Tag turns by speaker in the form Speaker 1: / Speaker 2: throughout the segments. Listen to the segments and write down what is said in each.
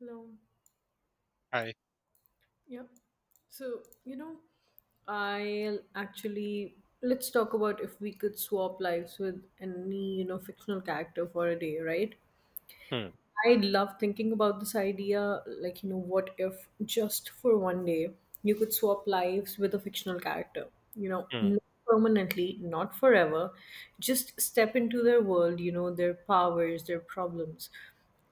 Speaker 1: Hello.
Speaker 2: Right.
Speaker 1: Yeah. So, you know, I'll actually let's talk about if we could swap lives with any fictional character for a day, right?
Speaker 2: Hmm.
Speaker 1: I love thinking about this idea like what if just for one day you could swap lives with a fictional character? You know,
Speaker 2: Hmm.
Speaker 1: not permanently, not forever, just step into their world, their powers, their problems.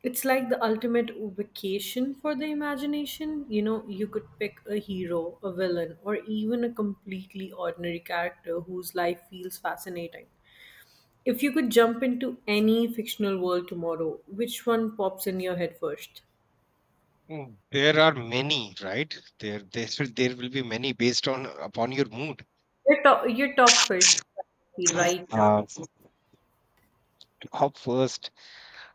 Speaker 1: It's like the ultimate vacation for the imagination. You could pick a hero, a villain, or even a completely ordinary character whose life feels fascinating. If you could jump into any fictional world tomorrow, which one pops in your head first?
Speaker 2: There are many, right? There, there will be many based on upon your mood.
Speaker 1: Your top first, right now.
Speaker 2: Uh, Hop first.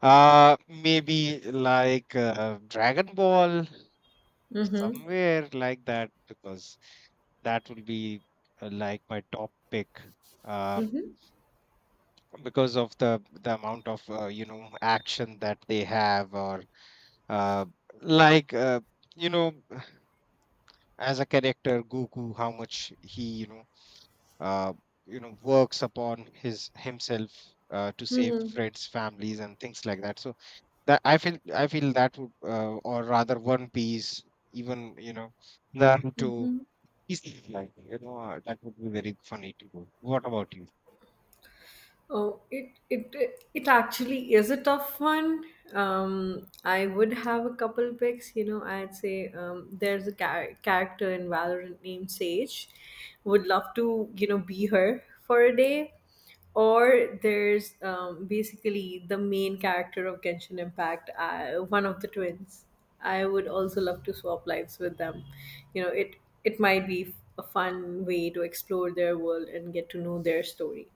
Speaker 2: Maybe like Dragon Ball,
Speaker 1: Mm-hmm.
Speaker 2: somewhere like that, because that will be like my top pick. Uh,
Speaker 1: Mm-hmm.
Speaker 2: because of the amount of action that they have, or uh, like you know, as a character, Goku, how much he uh, works upon his himself, to save
Speaker 1: Mm-hmm.
Speaker 2: friends families and things like that, so that I feel that would, or rather one piece, even Naruto
Speaker 1: Mm-hmm.
Speaker 2: is, like that would be very funny to do. What about you?
Speaker 1: Oh, it actually is a tough one. I would have a couple picks. I'd say there's a character in Valorant named Sage. Would love to be her for a day. Or there's basically the main character of Genshin Impact, one of the twins. I would also love to swap lives with them. You know, it it might be a fun way to explore their world and get to know their story.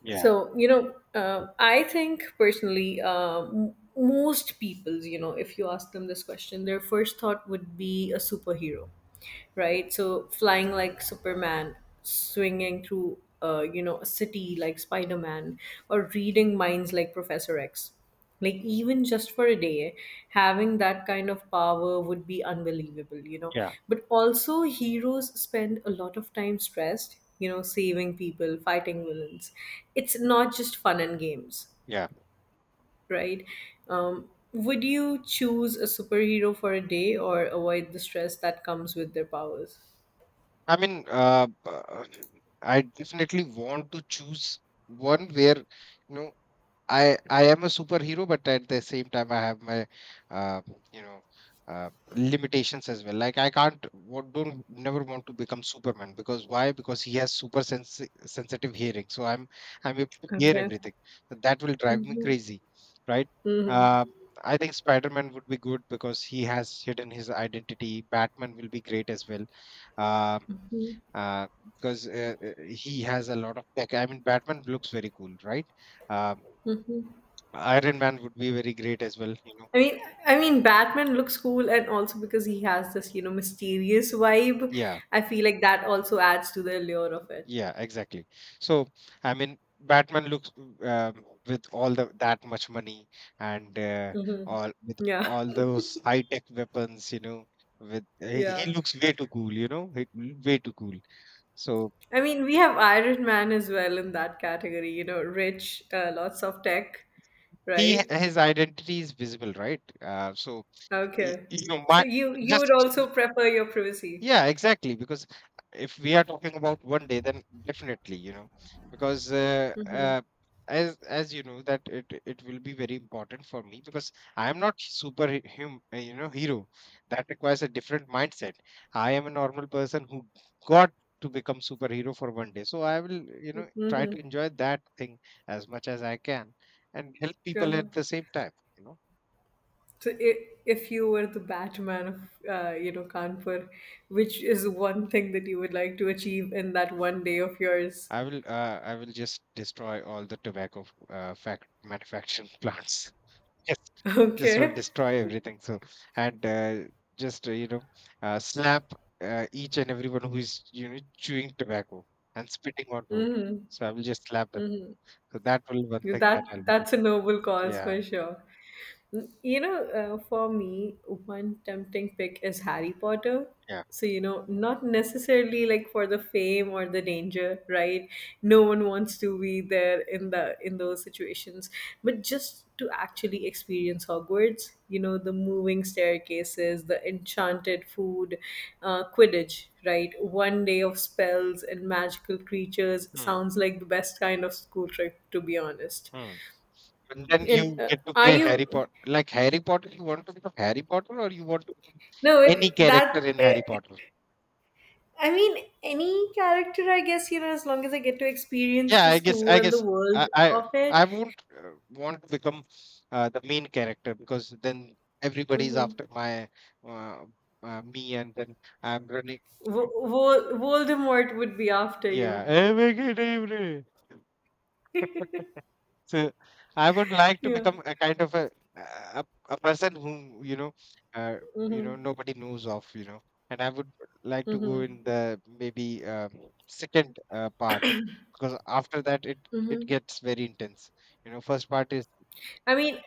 Speaker 2: Yeah,
Speaker 1: So, I think personally, most people, if you ask them this question, their first thought would be a superhero, right? So flying like Superman, swinging through a city like Spider Man, or reading minds like Professor X. Like even just for a day, having that kind of power would be unbelievable.
Speaker 2: yeah,
Speaker 1: But also, heroes spend a lot of time stressed, saving people, fighting villains. It's not just fun and games,
Speaker 2: yeah.
Speaker 1: right? Would you choose a superhero for a day or avoid the stress that comes with their powers?
Speaker 2: I mean, I definitely want to choose one where, I am a superhero, but at the same time, I have my uh, you know limitations as well. Like, I can't, what don't never want to become Superman. Because why? Because he has super sensitive hearing, so I'm able to hear
Speaker 1: Okay.
Speaker 2: everything. So that will drive me
Speaker 1: Mhm.
Speaker 2: crazy, right?
Speaker 1: Mhm.
Speaker 2: Uh, I think Spider-Man would be good because he has hidden his identity. Batman will be great as well. Uh,
Speaker 1: Mhm.
Speaker 2: uh, because he has a lot of tech. I mean, Batman looks very cool, right? Um,
Speaker 1: Mhm.
Speaker 2: Iron Man would be very great as well, you know.
Speaker 1: I mean, Batman looks cool, and also because he has this mysterious vibe,
Speaker 2: Yeah,
Speaker 1: I feel like that also adds to the allure of it.
Speaker 2: yeah, exactly. So, I mean, Batman looks, with all the that much money and,
Speaker 1: Hmm.
Speaker 2: all with
Speaker 1: Yeah,
Speaker 2: all those high tech weapons, you know, with he
Speaker 1: yeah.
Speaker 2: he looks way too cool, you know, way too cool. So
Speaker 1: I mean, we have Iron Man as well in that category. Rich, lots of tech,
Speaker 2: he
Speaker 1: right?
Speaker 2: his identity is visible, right?
Speaker 1: Okay.
Speaker 2: You know,
Speaker 1: So
Speaker 2: my
Speaker 1: you would
Speaker 2: just.
Speaker 1: also prefer your privacy.
Speaker 2: Yeah, exactly. Because if we are talking about one day, then definitely, you know, because as you know that it will be very important for me, because I am not super you know, hero. That requires a different mindset. I am a normal person who got to become superhero for one day. So I will, you know, try
Speaker 1: Mm-hmm.
Speaker 2: to enjoy that thing as much as I can, and help people at the same time. You know.
Speaker 1: So, if you were the Batman of Kanpur, which is one thing that you would like to achieve in that one day of yours?
Speaker 2: I will, just destroy all the tobacco fact manufacturing plants. Yes, this will
Speaker 1: Okay,
Speaker 2: destroy everything. So, and, just, slap, each and everyone who is, chewing tobacco and spitting on road. So I will just slap them. So that will one thing
Speaker 1: that
Speaker 2: that I'll do.
Speaker 1: that's a noble cause
Speaker 2: Yeah,
Speaker 1: for sure. For me, one tempting pick is Harry Potter.
Speaker 2: yeah.
Speaker 1: So, not necessarily like for the fame or the danger, right? No one wants to be there in those situations, but just to actually experience Hogwarts, the moving staircases, the enchanted food, Quidditch, right? One day of spells and magical creatures
Speaker 2: Hmm.
Speaker 1: sounds like the best kind of school trip, to be honest.
Speaker 2: Hmm. And then
Speaker 1: And
Speaker 2: you get to
Speaker 1: are
Speaker 2: play
Speaker 1: you?
Speaker 2: Harry Potter. Like Harry Potter, you want to become Harry Potter, or you want to become
Speaker 1: No,
Speaker 2: any character in Harry Potter?
Speaker 1: I mean any character, I guess, as long as I get to experience
Speaker 2: Yeah,
Speaker 1: the
Speaker 2: I guess I
Speaker 1: school and the
Speaker 2: guess I
Speaker 1: world
Speaker 2: I,
Speaker 1: of it.
Speaker 2: I won't, want to become the main character, because then everybody's
Speaker 1: Mm-hmm.
Speaker 2: after my uh, me, and then I'm running.
Speaker 1: Voldemort would be after
Speaker 2: Yeah,
Speaker 1: you.
Speaker 2: every good evening. So I would like to
Speaker 1: Yeah.
Speaker 2: become a kind of a person whom, uh,
Speaker 1: Mm-hmm.
Speaker 2: nobody knows of, and I would like to go
Speaker 1: Mm-hmm.
Speaker 2: in the, maybe second part, because after that it
Speaker 1: Mm-hmm.
Speaker 2: gets very intense. First part is
Speaker 1: I mean,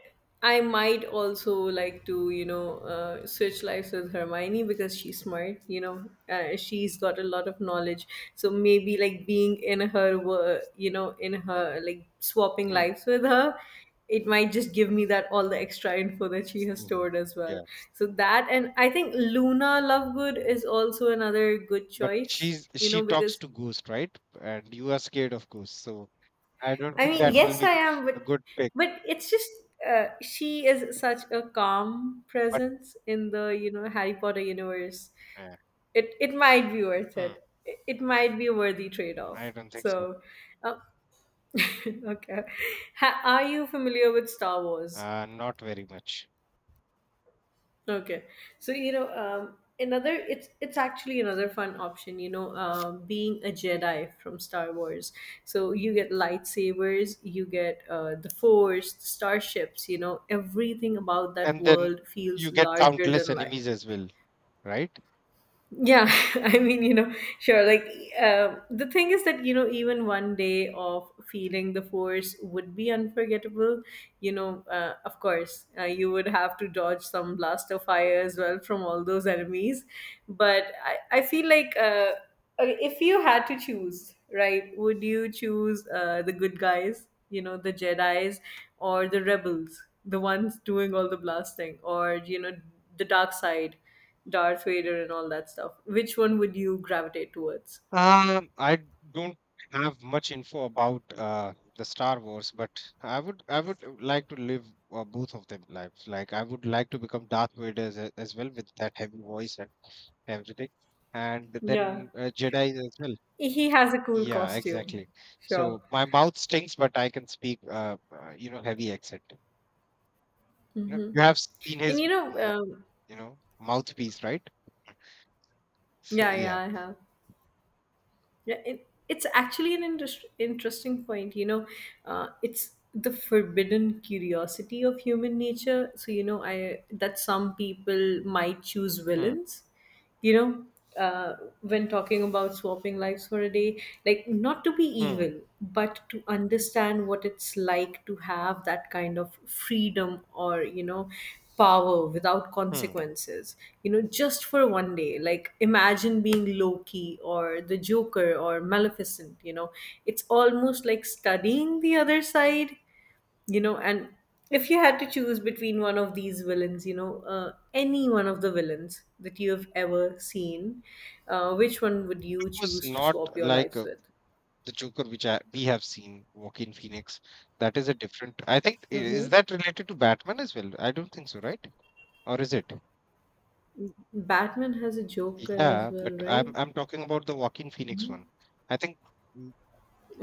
Speaker 1: I might also like to switch lives with Hermione because she's smart, she's got a lot of knowledge. So maybe like being in her, wo- you know, in her, like swapping
Speaker 2: hmm.
Speaker 1: lives with her, it might just give me that all the extra info that she has
Speaker 2: Mhm.
Speaker 1: stored as well.
Speaker 2: Yeah,
Speaker 1: So that, and I think Luna Lovegood is also another good
Speaker 2: but
Speaker 1: choice,
Speaker 2: she's
Speaker 1: you
Speaker 2: she
Speaker 1: know,
Speaker 2: talks
Speaker 1: because
Speaker 2: to ghost, right? And you are scared of ghosts, so I don't
Speaker 1: I
Speaker 2: think
Speaker 1: mean,
Speaker 2: that will
Speaker 1: yes, I
Speaker 2: be
Speaker 1: am,
Speaker 2: a
Speaker 1: but
Speaker 2: good pick.
Speaker 1: it's just she is such a calm
Speaker 2: But
Speaker 1: presence in the Harry Potter universe.
Speaker 2: uh,
Speaker 1: It might be worth
Speaker 2: hmm,
Speaker 1: it. It might be a worthy trade
Speaker 2: I
Speaker 1: off.
Speaker 2: don't think so.
Speaker 1: So, uh, okay, are you familiar with Star Wars?
Speaker 2: Not very much.
Speaker 1: Okay. So, you know, another it's actually another fun option, being a Jedi from Star Wars. So you get lightsabers, you get the Force, the starships, everything about that
Speaker 2: And then
Speaker 1: world
Speaker 2: you
Speaker 1: feels
Speaker 2: get
Speaker 1: larger
Speaker 2: countless
Speaker 1: than life.
Speaker 2: enemies as well, right?
Speaker 1: Yeah, I mean, sure. Like, the thing is that, even one day of feeling the force would be unforgettable. Of course, you would have to dodge some blaster fire as well from all those enemies. But I feel like okay, if you had to choose, right, would you choose the good guys, the Jedi's or the rebels, the ones doing all the blasting, or the dark side? Darth Vader and all that stuff. Which one would you gravitate towards?
Speaker 2: I don't have much info about the Star Wars, but I would like to live both of them lives. Like, I would like to become Darth Vader, as well, with that heavy voice, everything. And
Speaker 1: Yeah.
Speaker 2: then, Jedi as well.
Speaker 1: He has a cool
Speaker 2: Yeah,
Speaker 1: costume.
Speaker 2: exactly.
Speaker 1: Sure.
Speaker 2: So my mouth stinks, but I can speak, you know, heavy accent. You know, you have seen
Speaker 1: And
Speaker 2: his,
Speaker 1: you know, um,
Speaker 2: mouthpiece, right? So,
Speaker 1: yeah, yeah,
Speaker 2: yeah.
Speaker 1: I have. Yeah, it's actually an interesting point. It's the forbidden curiosity of human nature. So, I that some people might choose
Speaker 2: Hmm.
Speaker 1: villains you know uh, when talking about swapping lives for a day, like not to be
Speaker 2: Hmm.
Speaker 1: evil but to understand what it's like to have that kind of freedom or power without
Speaker 2: Hmm.
Speaker 1: consequences, just for one day, like imagine being Loki or the Joker or Maleficent. It's almost like studying the other side, and if you had to choose between one of these villains, any one of the villains that you have ever seen, which one would you
Speaker 2: It was
Speaker 1: choose to
Speaker 2: not
Speaker 1: swap your
Speaker 2: like,
Speaker 1: lives with?
Speaker 2: the Joker, which we have seen, Joaquin Phoenix. That is a different. I think,
Speaker 1: Hmm.
Speaker 2: is that related to Batman as well? I don't think so, right? Or is it?
Speaker 1: Batman has a Joker as
Speaker 2: Yeah,
Speaker 1: well,
Speaker 2: but
Speaker 1: right?
Speaker 2: I'm talking about the Joaquin Phoenix one. I think.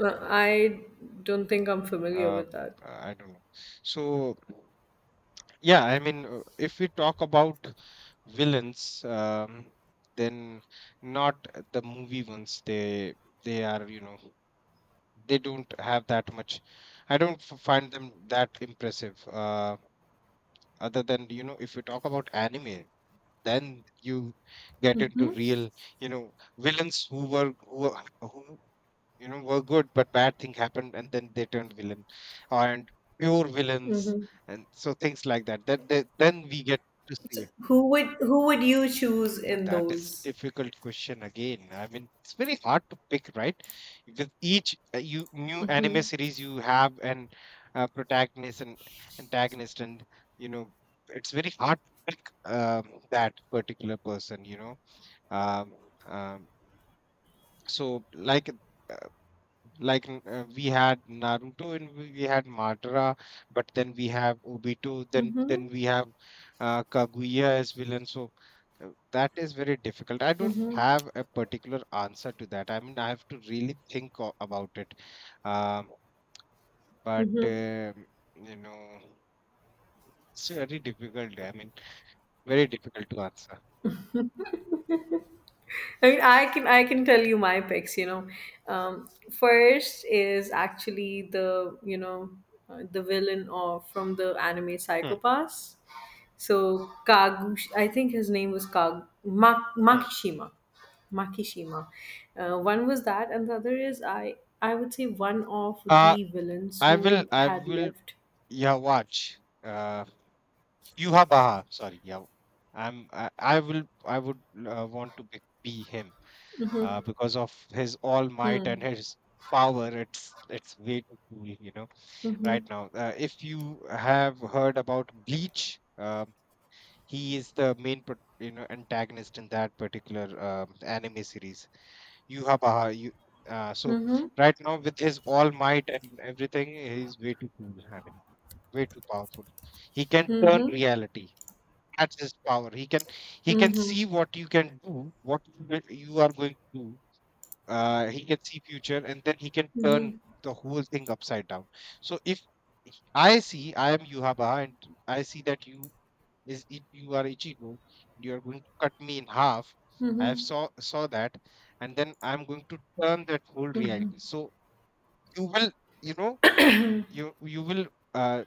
Speaker 1: I don't think I'm familiar
Speaker 2: uh,
Speaker 1: with that.
Speaker 2: I don't know. So, yeah, I mean, if we talk about villains, then, not the movie ones. They are, you know, they don't have that much. I don't find them that impressive. Other than, you know, if we talk about anime, then you get into real, you know, villains who who, were good, but bad thing happened, and then they turned villain, and pure villains,
Speaker 1: Hmm.
Speaker 2: and so things like that, that then we get to see it.
Speaker 1: Who would you choose
Speaker 2: And
Speaker 1: in
Speaker 2: that is
Speaker 1: those?
Speaker 2: difficult question again. I mean, it's very hard to pick, right? Because each, you new anime series, you have an protagonist and antagonist, and, you know it's very hard to pick, that particular person, um, um, so like, like, we had Naruto, and we had Madara, but then we have Obito, then
Speaker 1: Hmm.
Speaker 2: then we have, Kaguya as villain. So, that is very difficult. I don't have a particular answer to that. I mean, I have to really think about it. Um, but, you know, it's very difficult. I mean, very difficult to answer.
Speaker 1: I mean, I can tell you my picks. First is actually the you know the villain of from the anime
Speaker 2: Hmm,
Speaker 1: Psychopass. So Kagush, I think his name was
Speaker 2: hmm.
Speaker 1: Makishima. Makishima. One was that, and the other is, I would say one of
Speaker 2: Uh,
Speaker 1: the villains
Speaker 2: I will,
Speaker 1: who
Speaker 2: I
Speaker 1: had
Speaker 2: will,
Speaker 1: left.
Speaker 2: yeah, watch. Yuha Baha, sorry, yeah. I'm I, I will I would, want to be him, because of his all might and
Speaker 1: Hmm.
Speaker 2: his power. It's way too cool, you know.
Speaker 1: Mm-hmm.
Speaker 2: Right now, if you have heard about Bleach, he is the main antagonist in that particular anime series. Yuha Baha, you. So
Speaker 1: Mm-hmm.
Speaker 2: right now with his all might and everything, he's way too cool. I mean, way too powerful. He can turn
Speaker 1: Mm-hmm.
Speaker 2: reality, that's his power. He can
Speaker 1: Mm-hmm.
Speaker 2: see what you can do, what you are going to do. He can see future, and then he can turn
Speaker 1: Mm-hmm.
Speaker 2: the whole thing upside down. So if I see I am Yuhabaha, and I see that, you are Ichigo, you are going to cut me in half. I have
Speaker 1: Mm-hmm.
Speaker 2: saw that, and then I'm going to turn that whole reality. So you will, you know, you will. Uh,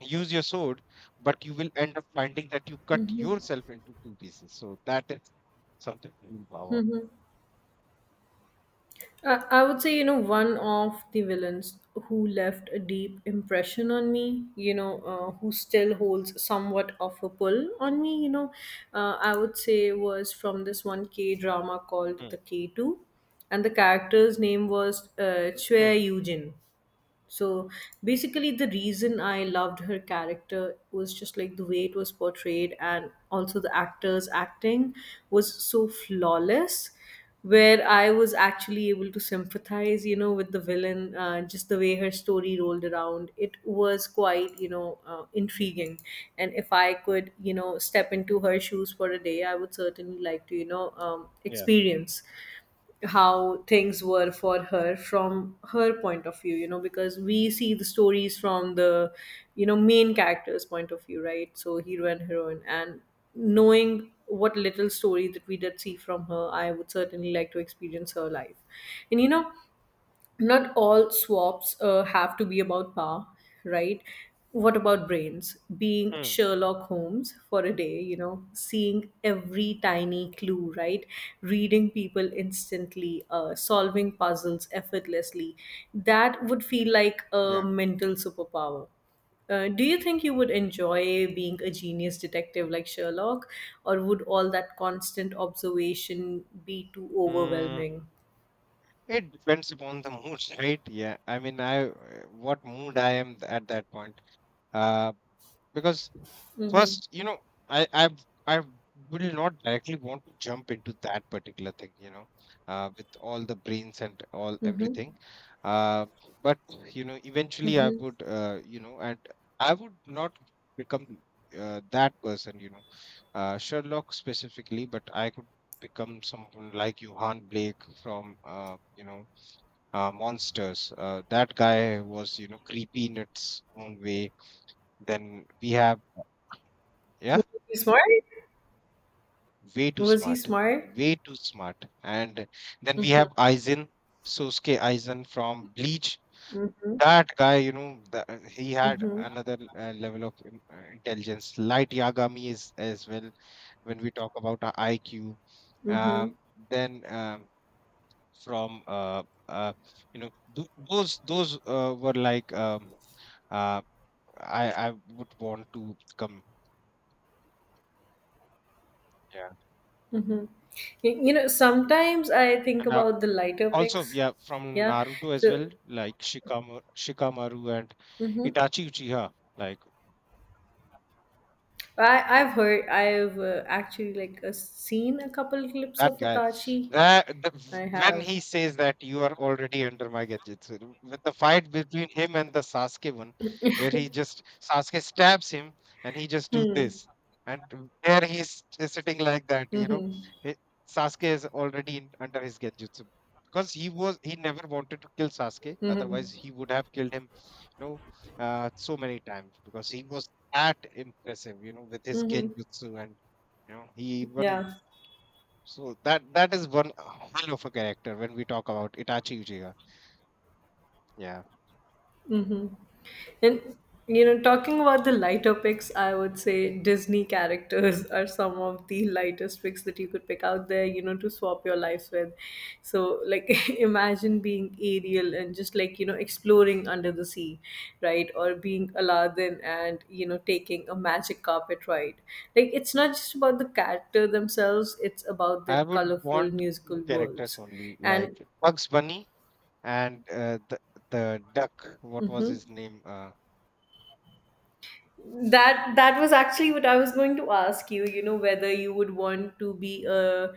Speaker 2: Use your sword, but you will end up finding that you cut yourself into two pieces. So that is something really powerful.
Speaker 1: Mm-hmm. I would say, one of the villains who left a deep impression on me, who still holds somewhat of a pull on me, I would say was from this one K drama called
Speaker 2: Hmm.
Speaker 1: The K2. And the character's name was Chue
Speaker 2: Hmm.
Speaker 1: Yujin. So basically, the reason I loved her character was just like the way it was portrayed, and also the actors' acting was so flawless. Where I was actually able to sympathize with the villain, just the way her story rolled around. It was quite intriguing. And if I could step into her shoes for a day, I would certainly like to
Speaker 2: Yeah.
Speaker 1: experience how things were for her from her point of view, because we see the stories from the main character's point of view, right? So hero and heroine, and knowing what little story that we did see from her, I would certainly like to experience her life and not all swaps have to be about power, right? What about brains? Being
Speaker 2: Hmm.
Speaker 1: Sherlock Holmes for a day, seeing every tiny clue, right? Reading people instantly, solving puzzles effortlessly. That would feel like a
Speaker 2: Yeah.
Speaker 1: mental superpower. Do you think you would enjoy being a genius detective like Sherlock, or would all that constant observation be too
Speaker 2: Mm.
Speaker 1: overwhelming?
Speaker 2: It depends upon the mood, right? Yeah. I mean, I what mood I am at that point. Uh, because
Speaker 1: Mm-hmm.
Speaker 2: first, you know, I i I will not directly want to jump into that particular thing, you know, with all the brains and all
Speaker 1: Mm-hmm.
Speaker 2: everything. Uh, but you know, eventually I
Speaker 1: Mm-hmm.
Speaker 2: would, you know, and I would not become, that person, you know, Sherlock specifically. But I could become someone like Johan Blake from, you know, Monsters. That guy was, you know, creepy in its own way. Then we have, yeah.
Speaker 1: Was he smart?
Speaker 2: Way too
Speaker 1: Was he
Speaker 2: smart,
Speaker 1: smart?
Speaker 2: way too smart. And then we
Speaker 1: Mm-hmm.
Speaker 2: have Aizen, Sosuke Aizen from Bleach.
Speaker 1: Mm-hmm.
Speaker 2: That guy, you know, he had
Speaker 1: Mm-hmm.
Speaker 2: another level of intelligence. Light Yagami is as well. When we talk about our IQ,
Speaker 1: Mm-hmm.
Speaker 2: um, then, from uh, you know th- those were like, uh, I would want to come. Yeah,
Speaker 1: Mm-hmm. Sometimes I think
Speaker 2: and I
Speaker 1: about the lighter
Speaker 2: also,
Speaker 1: picks.
Speaker 2: yeah, from
Speaker 1: Yeah.
Speaker 2: Naruto as
Speaker 1: So,
Speaker 2: well, like Shikamaru and
Speaker 1: hmm
Speaker 2: Itachi Uchiha. Like
Speaker 1: I I've heard I've actually like seen a couple clips
Speaker 2: that
Speaker 1: of
Speaker 2: guy.
Speaker 1: Itachi.
Speaker 2: That the,
Speaker 1: I
Speaker 2: when
Speaker 1: have.
Speaker 2: he says that you are already under my gadgetsu, with the fight between him and the Sasuke one, where he just Sasuke stabs him, and he just do
Speaker 1: Hmm.
Speaker 2: this, and there he's sitting like that, you know,
Speaker 1: Mm-hmm.
Speaker 2: it, Sasuke is already in, under his gadgetsu, because he never wanted to kill Sasuke,
Speaker 1: Mm-hmm.
Speaker 2: otherwise he would have killed him, you know, so many times, because he was that impressive, you know, with his
Speaker 1: Mm-hmm.
Speaker 2: genjutsu, and, he even.
Speaker 1: Yeah.
Speaker 2: So that is one hell of a character when we talk about Itachi Uchiha. Yeah,
Speaker 1: Mm-hmm. And, talking about the lighter picks, I would say Disney characters are some of the lightest picks that you could pick out there, to swap your life with. So, like, imagine being Ariel and just like exploring under the sea, right? Or being Aladdin and taking a magic carpet ride. Like, it's not just about the character themselves, it's about their
Speaker 2: I would
Speaker 1: colorful
Speaker 2: want
Speaker 1: musical
Speaker 2: two characters
Speaker 1: worlds.
Speaker 2: only,
Speaker 1: And,
Speaker 2: like Bugs Bunny, and the duck. What was
Speaker 1: mm-hmm.
Speaker 2: his name?
Speaker 1: That was actually what I was going to ask you, whether you would want to be a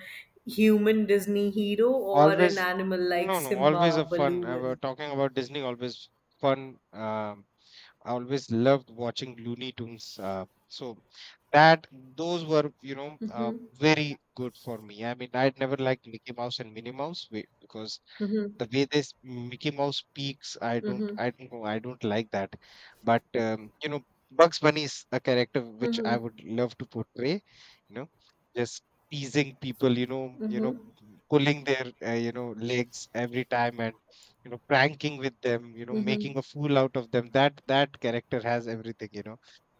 Speaker 1: human Disney hero or
Speaker 2: Always,
Speaker 1: an animal like
Speaker 2: no, no, always a
Speaker 1: Simba,
Speaker 2: fun. I
Speaker 1: Baloo
Speaker 2: was
Speaker 1: and
Speaker 2: talking about Disney. Always fun. I always loved watching Looney Tunes. So that those were,
Speaker 1: hmm
Speaker 2: very good for me. I mean, I'd never liked Mickey Mouse and Minnie Mouse, because
Speaker 1: hmm
Speaker 2: the way this Mickey Mouse speaks,
Speaker 1: hmm
Speaker 2: I don't know, I don't like that. But, you know, Bugs Bunny is a character which I
Speaker 1: hmm
Speaker 2: would love to portray. You know, just teasing people.
Speaker 1: hmm
Speaker 2: Pulling their legs every time and pranking with them.
Speaker 1: hmm
Speaker 2: Making a fool out of them. That character has everything.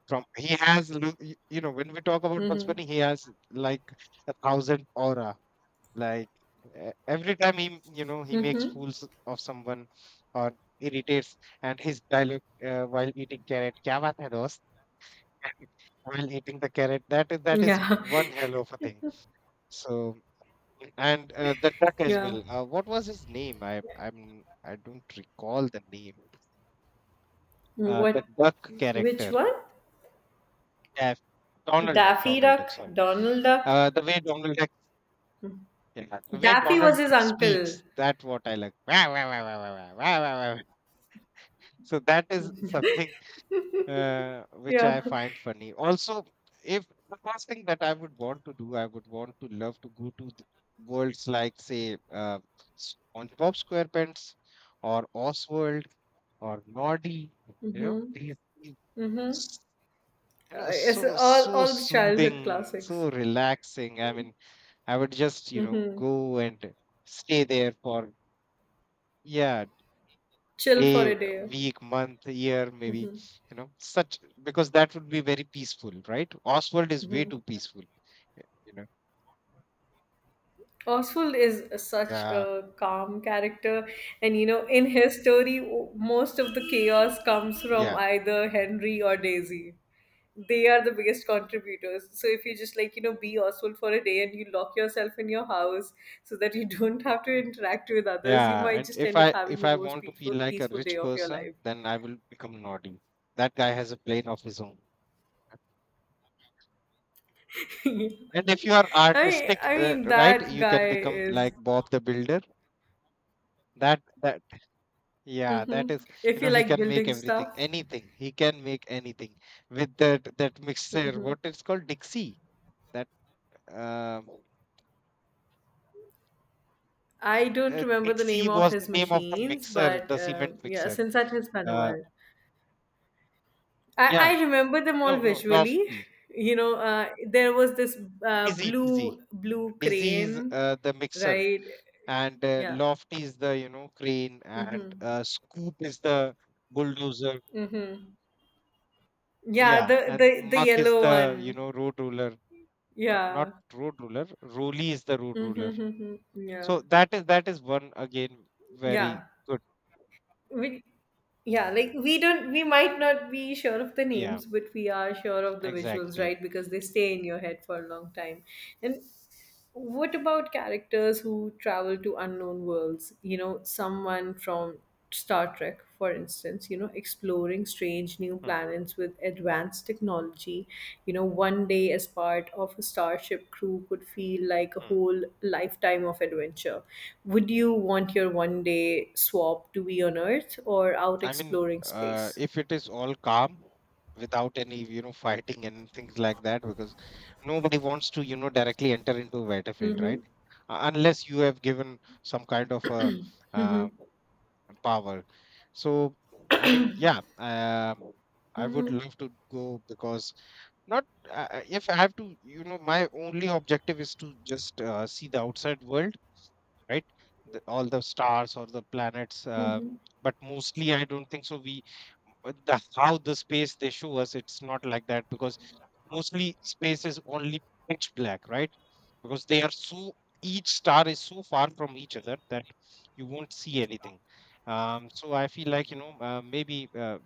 Speaker 2: From he has when we talk about Bugs
Speaker 1: hmm
Speaker 2: Bunny, he has like 1,000 aura, like every time he you know he makes
Speaker 1: hmm
Speaker 2: fools of someone or irritates, and his dialogue, while eating carrot, kya baat hai dost. While eating the carrot, that is
Speaker 1: Yeah.
Speaker 2: one hell of a thing. So, and the duck as
Speaker 1: Yeah.
Speaker 2: well, what was his name? I i'm i don't recall the name. The
Speaker 1: What
Speaker 2: duck
Speaker 1: Which
Speaker 2: character.
Speaker 1: one?
Speaker 2: Daf- Donald Duck,
Speaker 1: Daffy
Speaker 2: Donald Duck,
Speaker 1: Duck,
Speaker 2: sorry.
Speaker 1: Donald Duck.
Speaker 2: The way donald duck Yeah, the way
Speaker 1: Daffy was
Speaker 2: Donald
Speaker 1: his uncle.
Speaker 2: speaks, that what I like. So that is something. Which
Speaker 1: Yeah.
Speaker 2: I find funny. Also, if the first thing that I would want to do, I would want to love to go to the worlds like, say, SpongeBob SquarePants, or Oswald, or Noddy. You know,
Speaker 1: Mm-hmm.
Speaker 2: these
Speaker 1: Mm-hmm.
Speaker 2: s- you know,
Speaker 1: Yes,
Speaker 2: so so
Speaker 1: all the childhood
Speaker 2: soothing,
Speaker 1: classics.
Speaker 2: so relaxing. I mean, I would just
Speaker 1: Hmm.
Speaker 2: go and stay there for, yeah,
Speaker 1: Chill for
Speaker 2: day,
Speaker 1: a day.
Speaker 2: week, month, year, maybe,
Speaker 1: Hmm.
Speaker 2: such, because that would be very peaceful, right? Oswald is way
Speaker 1: Hmm.
Speaker 2: too peaceful, you know.
Speaker 1: Oswald is such
Speaker 2: Yeah,
Speaker 1: a calm character, and in his story, most of the chaos comes from
Speaker 2: yeah,
Speaker 1: either Henry or Daisy. They are the biggest contributors. So if you just, like, you know, be Oswald for a day and you lock yourself in your house so that you don't have to interact with others, you
Speaker 2: yeah.
Speaker 1: might
Speaker 2: And
Speaker 1: just
Speaker 2: if
Speaker 1: end up
Speaker 2: I
Speaker 1: having
Speaker 2: if
Speaker 1: the
Speaker 2: I
Speaker 1: most
Speaker 2: want to feel
Speaker 1: peaceful
Speaker 2: like a
Speaker 1: peaceful
Speaker 2: rich
Speaker 1: day of your
Speaker 2: person,
Speaker 1: life.
Speaker 2: then I will become Naughty. That guy has a plane of his own. And if you are
Speaker 1: I
Speaker 2: artistic,
Speaker 1: I mean
Speaker 2: right,
Speaker 1: that
Speaker 2: you
Speaker 1: guy
Speaker 2: can become like
Speaker 1: is
Speaker 2: Bob the Builder. That, yeah,
Speaker 1: hmm
Speaker 2: that is,
Speaker 1: if you
Speaker 2: he
Speaker 1: like
Speaker 2: can make
Speaker 1: building
Speaker 2: everything,
Speaker 1: stuff.
Speaker 2: anything. He can make anything with that mixer. What it's called? Dixie, that. Um,
Speaker 1: I don't remember the name
Speaker 2: Dixie
Speaker 1: of
Speaker 2: was the
Speaker 1: his
Speaker 2: name of the
Speaker 1: machines,
Speaker 2: mixer,
Speaker 1: but
Speaker 2: the cement
Speaker 1: yeah,
Speaker 2: mixer.
Speaker 1: Sinsat has been a
Speaker 2: Uh,
Speaker 1: while. I,
Speaker 2: yeah,
Speaker 1: I remember them all
Speaker 2: no, no,
Speaker 1: visually.
Speaker 2: Lofty.
Speaker 1: You know, there was this
Speaker 2: Dizzy, Dizzy.
Speaker 1: blue
Speaker 2: Dizzy is
Speaker 1: crane,
Speaker 2: the mixer,
Speaker 1: right?
Speaker 2: and
Speaker 1: Yeah.
Speaker 2: Lofty is the, crane, and
Speaker 1: Mm-hmm.
Speaker 2: Scoop is the bulldozer.
Speaker 1: Mm-hmm. Yeah,
Speaker 2: Yeah,
Speaker 1: the
Speaker 2: and
Speaker 1: the the
Speaker 2: Muck is
Speaker 1: yellow
Speaker 2: the,
Speaker 1: one.
Speaker 2: road roller. Not
Speaker 1: Yeah.
Speaker 2: road roller, Rolly is the road roller.
Speaker 1: Mm-hmm. Yeah.
Speaker 2: So that is one again, very
Speaker 1: Yeah.
Speaker 2: good.
Speaker 1: We yeah, like we don't, we might not be sure of the
Speaker 2: Yeah,
Speaker 1: names, but we are sure of the visuals,
Speaker 2: exactly.
Speaker 1: right? Because they stay in your head for a long time. And what about characters who travel to unknown worlds? You know, someone from Star Trek, for instance, you know, exploring strange new
Speaker 2: Hmm,
Speaker 1: planets with advanced technology. You know, one day as part of a starship crew could feel like a
Speaker 2: hmm.
Speaker 1: whole lifetime of adventure. Would you want your one day swap to be on Earth or out
Speaker 2: I mean,
Speaker 1: exploring space?
Speaker 2: if it is all calm without any, fighting and things like that, because nobody wants to, directly enter into a battlefield, right?
Speaker 1: Mm-hmm.
Speaker 2: Unless you have given some kind of a uh, power. So, I mean, yeah, I would
Speaker 1: Mm-hmm.
Speaker 2: love to go, because not, if I have to, my only objective is to just see the outside world, right? The, all the stars or the planets.
Speaker 1: Mm-hmm.
Speaker 2: But mostly, I don't think so. We, the how the space they show us, it's not like that, because mostly space is only pitch black, right? Because they are so, each star is so far from each other that you won't see anything. So I feel like, maybe,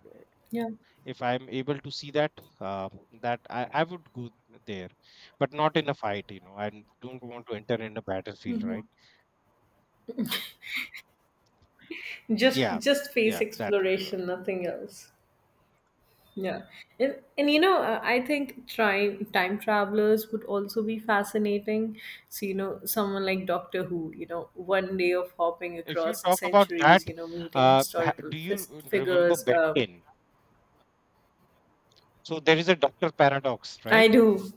Speaker 1: Yeah.
Speaker 2: if I'm able to see that, uh, that I would go there, but not in a fight. I don't want to enter in a battlefield, right? Yeah,
Speaker 1: Just space
Speaker 2: yeah, that would do well.
Speaker 1: exploration, nothing else. Yeah. And you know, I think trying time travelers would also be fascinating. So, you know, someone like Doctor Who, you know, one day of hopping
Speaker 2: If you
Speaker 1: across
Speaker 2: talk about
Speaker 1: centuries,
Speaker 2: that,
Speaker 1: you know, meeting historical
Speaker 2: do you remember
Speaker 1: figures.
Speaker 2: Ben 10? So there is a Doctor Paradox, right?
Speaker 1: I do.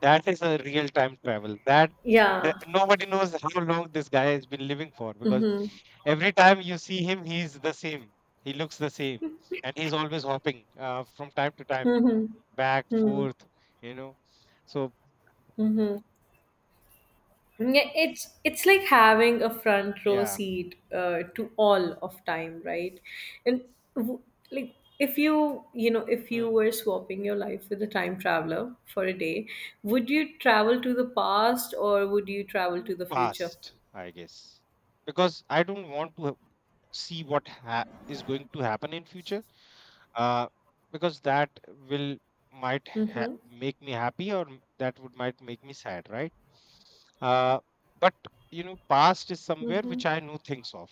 Speaker 2: That is a real-time travel. That,
Speaker 1: Yeah.
Speaker 2: nobody knows how long this guy has been living for, because
Speaker 1: Mm-hmm.
Speaker 2: every time you see him, he's the same. He looks the same, and he's always hopping, from time to time,
Speaker 1: Mm-hmm.
Speaker 2: back
Speaker 1: Mm-hmm.
Speaker 2: forth. You know, so
Speaker 1: Mm-hmm. Yeah, it's like having a front row
Speaker 2: yeah,
Speaker 1: seat to all of time, right? And w- like if you, you know, if you
Speaker 2: mm.
Speaker 1: were swapping your life with a time traveler for a day, would you travel to the past or would you travel
Speaker 2: Too
Speaker 1: to the future?
Speaker 2: fast, I guess, because I don't want to see what is going to happen in future, uh, because that will might
Speaker 1: Mm-hmm.
Speaker 2: make me happy, or that would might make me sad, right? uh, but past is somewhere
Speaker 1: Mm-hmm.
Speaker 2: which I know things of.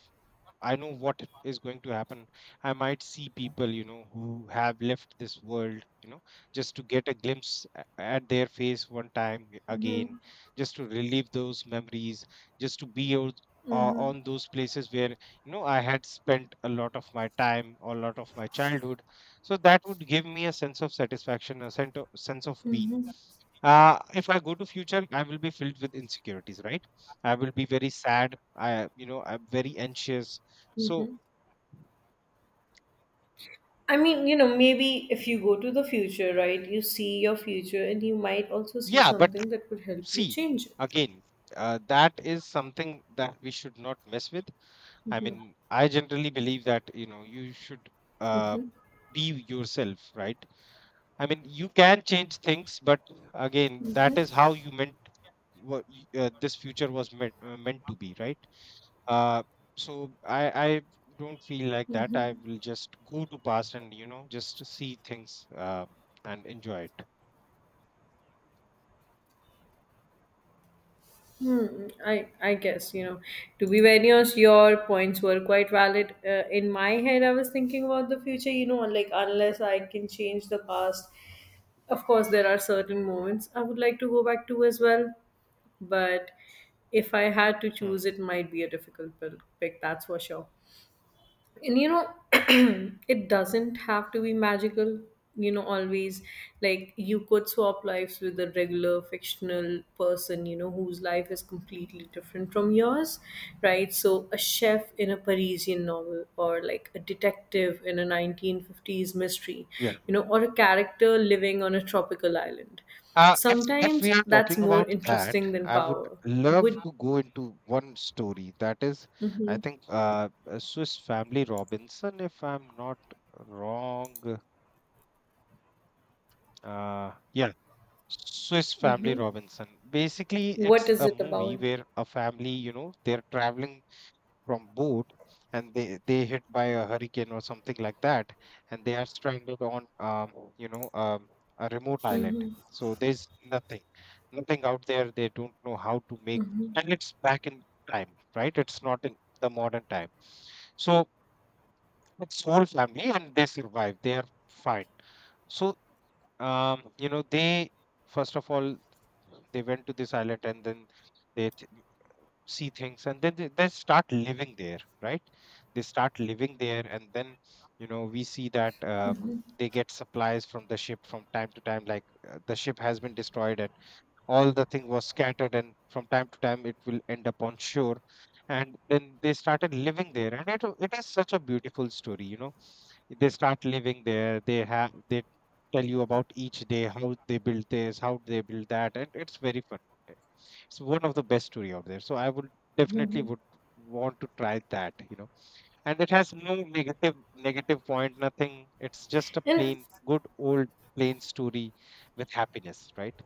Speaker 2: I know what is going to happen. I might see people, who have left this world, just to get a glimpse at their face one time again,
Speaker 1: Mm-hmm.
Speaker 2: just to relive those memories, just to be out,
Speaker 1: Mm-hmm.
Speaker 2: on those places where, I had spent a lot of my time or a lot of my childhood. So that would give me a sense of satisfaction, a sense of being.
Speaker 1: Mm-hmm.
Speaker 2: If I go to future, I will be filled with insecurities, right? I will be very sad. I'm very anxious. So
Speaker 1: Mm-hmm. I mean, you know, maybe if you go to the future, right, you see your future and you might also see
Speaker 2: yeah, but
Speaker 1: something that could help you
Speaker 2: see,
Speaker 1: change it.
Speaker 2: again, that is something that we should not mess with. I mean, I generally believe that, you should uh, be yourself, right? I mean, you can change things, but again, that is
Speaker 1: Mm-hmm.
Speaker 2: how you meant. This future was meant, meant to be, right? Uh, so I don't feel like that. I will just go to past and just to see things, and enjoy it.
Speaker 1: Hmm, I guess, you know, to be very honest, your points were quite valid. In my head, I was thinking about the future. You know, like, unless I can change the past, of course there are certain moments I would like to go back to as well. But if I had to choose,
Speaker 2: Hmm.
Speaker 1: it might be a difficult pick. That's for sure. And you know, it doesn't have to be magical, you know, always. Like, you could swap lives with a regular fictional person, you know, whose life is completely different from yours, right? So a chef in a Parisian novel, or like a detective in a 1950s mystery,
Speaker 2: Yeah.
Speaker 1: you know, or a character living on a tropical island.
Speaker 2: If we
Speaker 1: Sometimes
Speaker 2: are
Speaker 1: that's
Speaker 2: talking
Speaker 1: more
Speaker 2: about that,
Speaker 1: interesting than
Speaker 2: I would
Speaker 1: power.
Speaker 2: love
Speaker 1: Would
Speaker 2: to go into one story. That is, I
Speaker 1: hmm
Speaker 2: think, a Swiss Family Robinson, if I'm not wrong. Yeah, Swiss Family
Speaker 1: hmm
Speaker 2: Robinson. Basically,
Speaker 1: what
Speaker 2: it's
Speaker 1: is
Speaker 2: a
Speaker 1: it
Speaker 2: movie
Speaker 1: about
Speaker 2: where a family, they're traveling from boat, and they hit by a hurricane or something like that, and they are stranded on, you know um, a remote island. So there's nothing out there. They don't know how to make, and it's back in time, right? It's not in the modern time. So it's whole family and they survive. They are fine. So, they, first of all, they went to this island, and then they th- see things, and then they start living there, right? They start living there, and then we see that, they get supplies from the ship from time to time, like, the ship has been destroyed and all the thing was scattered, and from time to time it will end up on shore. And then they started living there, and it is such a beautiful story, you know, they start living there. They tell you about each day, how they build this, how they build that, and it's very fun. Uh, it's one of the best story out there, so I would definitely would want to try that, you know. And it has no negative point, nothing. It's just a
Speaker 1: and
Speaker 2: plain, good old, plain story, with happiness, right?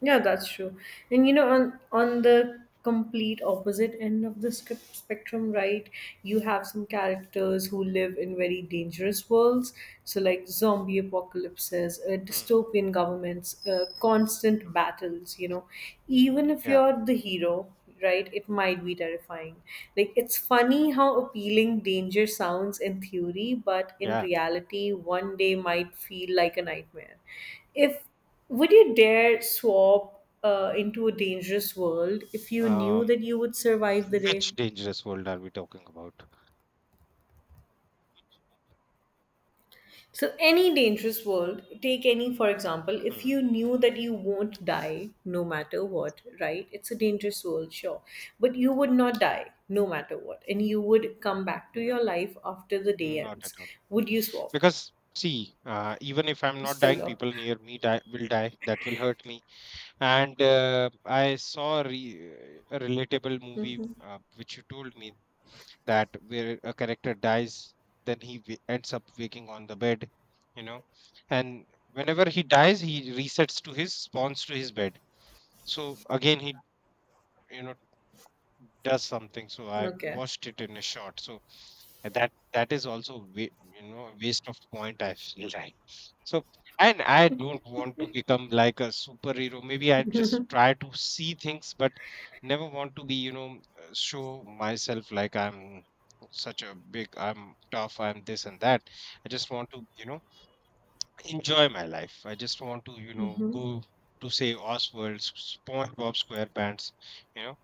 Speaker 1: yeah, that's true. And you know, on the complete opposite end of the script spectrum, right? You have some characters who live in very dangerous worlds, so like zombie apocalypses,
Speaker 2: Hmm.
Speaker 1: dystopian governments, constant
Speaker 2: Mm.
Speaker 1: battles. You know, even if
Speaker 2: Yeah,
Speaker 1: you're the hero, right? It might be terrifying. Like, it's funny how appealing danger sounds in theory, but in
Speaker 2: yeah.
Speaker 1: reality, one day might feel like a nightmare. If would you dare swap into a dangerous world if you knew
Speaker 2: Um,
Speaker 1: that you would survive the
Speaker 2: which
Speaker 1: day?
Speaker 2: dangerous world are we talking about?
Speaker 1: So, any dangerous world, take any, for example, if
Speaker 2: Hmm.
Speaker 1: you knew that you won't die no matter what, right? It's a dangerous world, sure. But you would not die no matter what. And you would come back to
Speaker 2: No,
Speaker 1: your life after the day
Speaker 2: not at
Speaker 1: ends.
Speaker 2: all.
Speaker 1: Would you swap?
Speaker 2: Because see, even if I'm not dying,
Speaker 1: Still
Speaker 2: people near me die will die. That will hurt me. And I saw a relatable
Speaker 1: no.
Speaker 2: movie,
Speaker 1: Hmm.
Speaker 2: which you told me, that where a character dies, then he ends up waking on the bed, you know. And whenever he dies, he resets to his spawns to his bed. So again, he you know does something. So I
Speaker 1: Okay.
Speaker 2: watched it in a short. So, and that is also, wa you know a waste of point, I feel like. So, and I don't want to become like a superhero. Maybe I just try to see things, but never want to be, show myself like I'm such a big, I'm tough, I'm this and that. I just want to enjoy my life. I just want to
Speaker 1: Hmm.
Speaker 2: go to, say, Oswald, SpongeBob SquarePants, you know,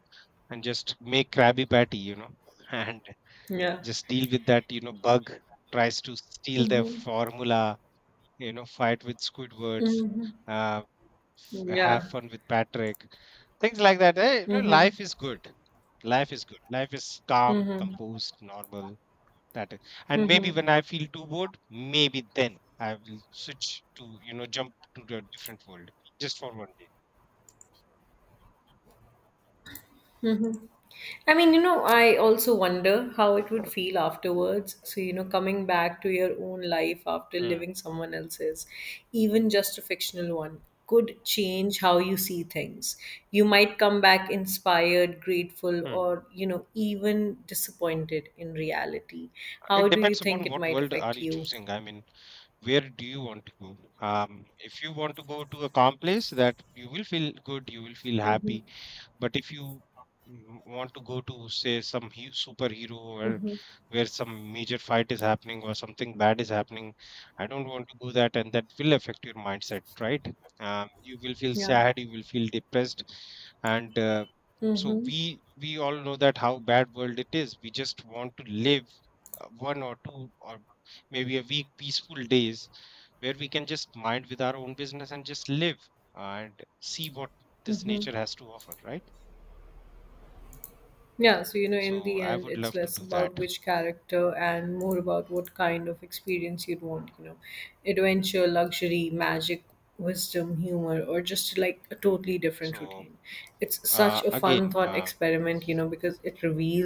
Speaker 2: and just make Krabby Patty, and
Speaker 1: Yeah.
Speaker 2: just deal with that, bug tries to steal their
Speaker 1: Mm-hmm.
Speaker 2: formula, fight with Squidwards,
Speaker 1: Hmm.
Speaker 2: uh, have
Speaker 1: Yeah.
Speaker 2: fun with Patrick, things like that,
Speaker 1: Mm-hmm.
Speaker 2: life is good. Life is calm,
Speaker 1: Hmm.
Speaker 2: composed, normal. That is. And
Speaker 1: Hmm.
Speaker 2: maybe when I feel too bored, maybe then I will switch to, jump to a different world, just for one day.
Speaker 1: I mean, you know, I also wonder how it would feel afterwards. So, you know, coming back to your own life after
Speaker 2: Hmm,
Speaker 1: living someone else's, even just a fictional one, could change how you see things. You might come back inspired, grateful,
Speaker 2: hmm.
Speaker 1: or, you know, even disappointed in reality.
Speaker 2: It
Speaker 1: How do you
Speaker 2: depends
Speaker 1: think
Speaker 2: upon
Speaker 1: it
Speaker 2: what
Speaker 1: might
Speaker 2: world are
Speaker 1: affect
Speaker 2: you
Speaker 1: you?
Speaker 2: choosing. I mean, where do you want to go? If you want to go to a calm place, that you will feel good, you will feel
Speaker 1: Mm-hmm.
Speaker 2: happy. But if you want to go to, say, some superhero, or
Speaker 1: Mm-hmm.
Speaker 2: where some major fight is happening, or something bad is happening, I don't want to go that, and that will affect your mindset, right? You will feel
Speaker 1: Yeah.
Speaker 2: sad, you will feel depressed. And so
Speaker 1: Mm-hmm.
Speaker 2: we all know that how bad world it is. We just want to live, one or two or maybe a week, peaceful days, where we can just mind with our own business and just live, and see what this nature has to offer, right?
Speaker 1: Yeah, so you know, in
Speaker 2: So
Speaker 1: the
Speaker 2: I
Speaker 1: end,
Speaker 2: would
Speaker 1: it's
Speaker 2: love to
Speaker 1: less
Speaker 2: do
Speaker 1: about
Speaker 2: that.
Speaker 1: which character and more about what kind of experience you'd want, you know, adventure, luxury, magic, wisdom, humor, or just like a totally different
Speaker 2: So,
Speaker 1: routine. It's such a fun
Speaker 2: again,
Speaker 1: thought experiment, you know, because it reveals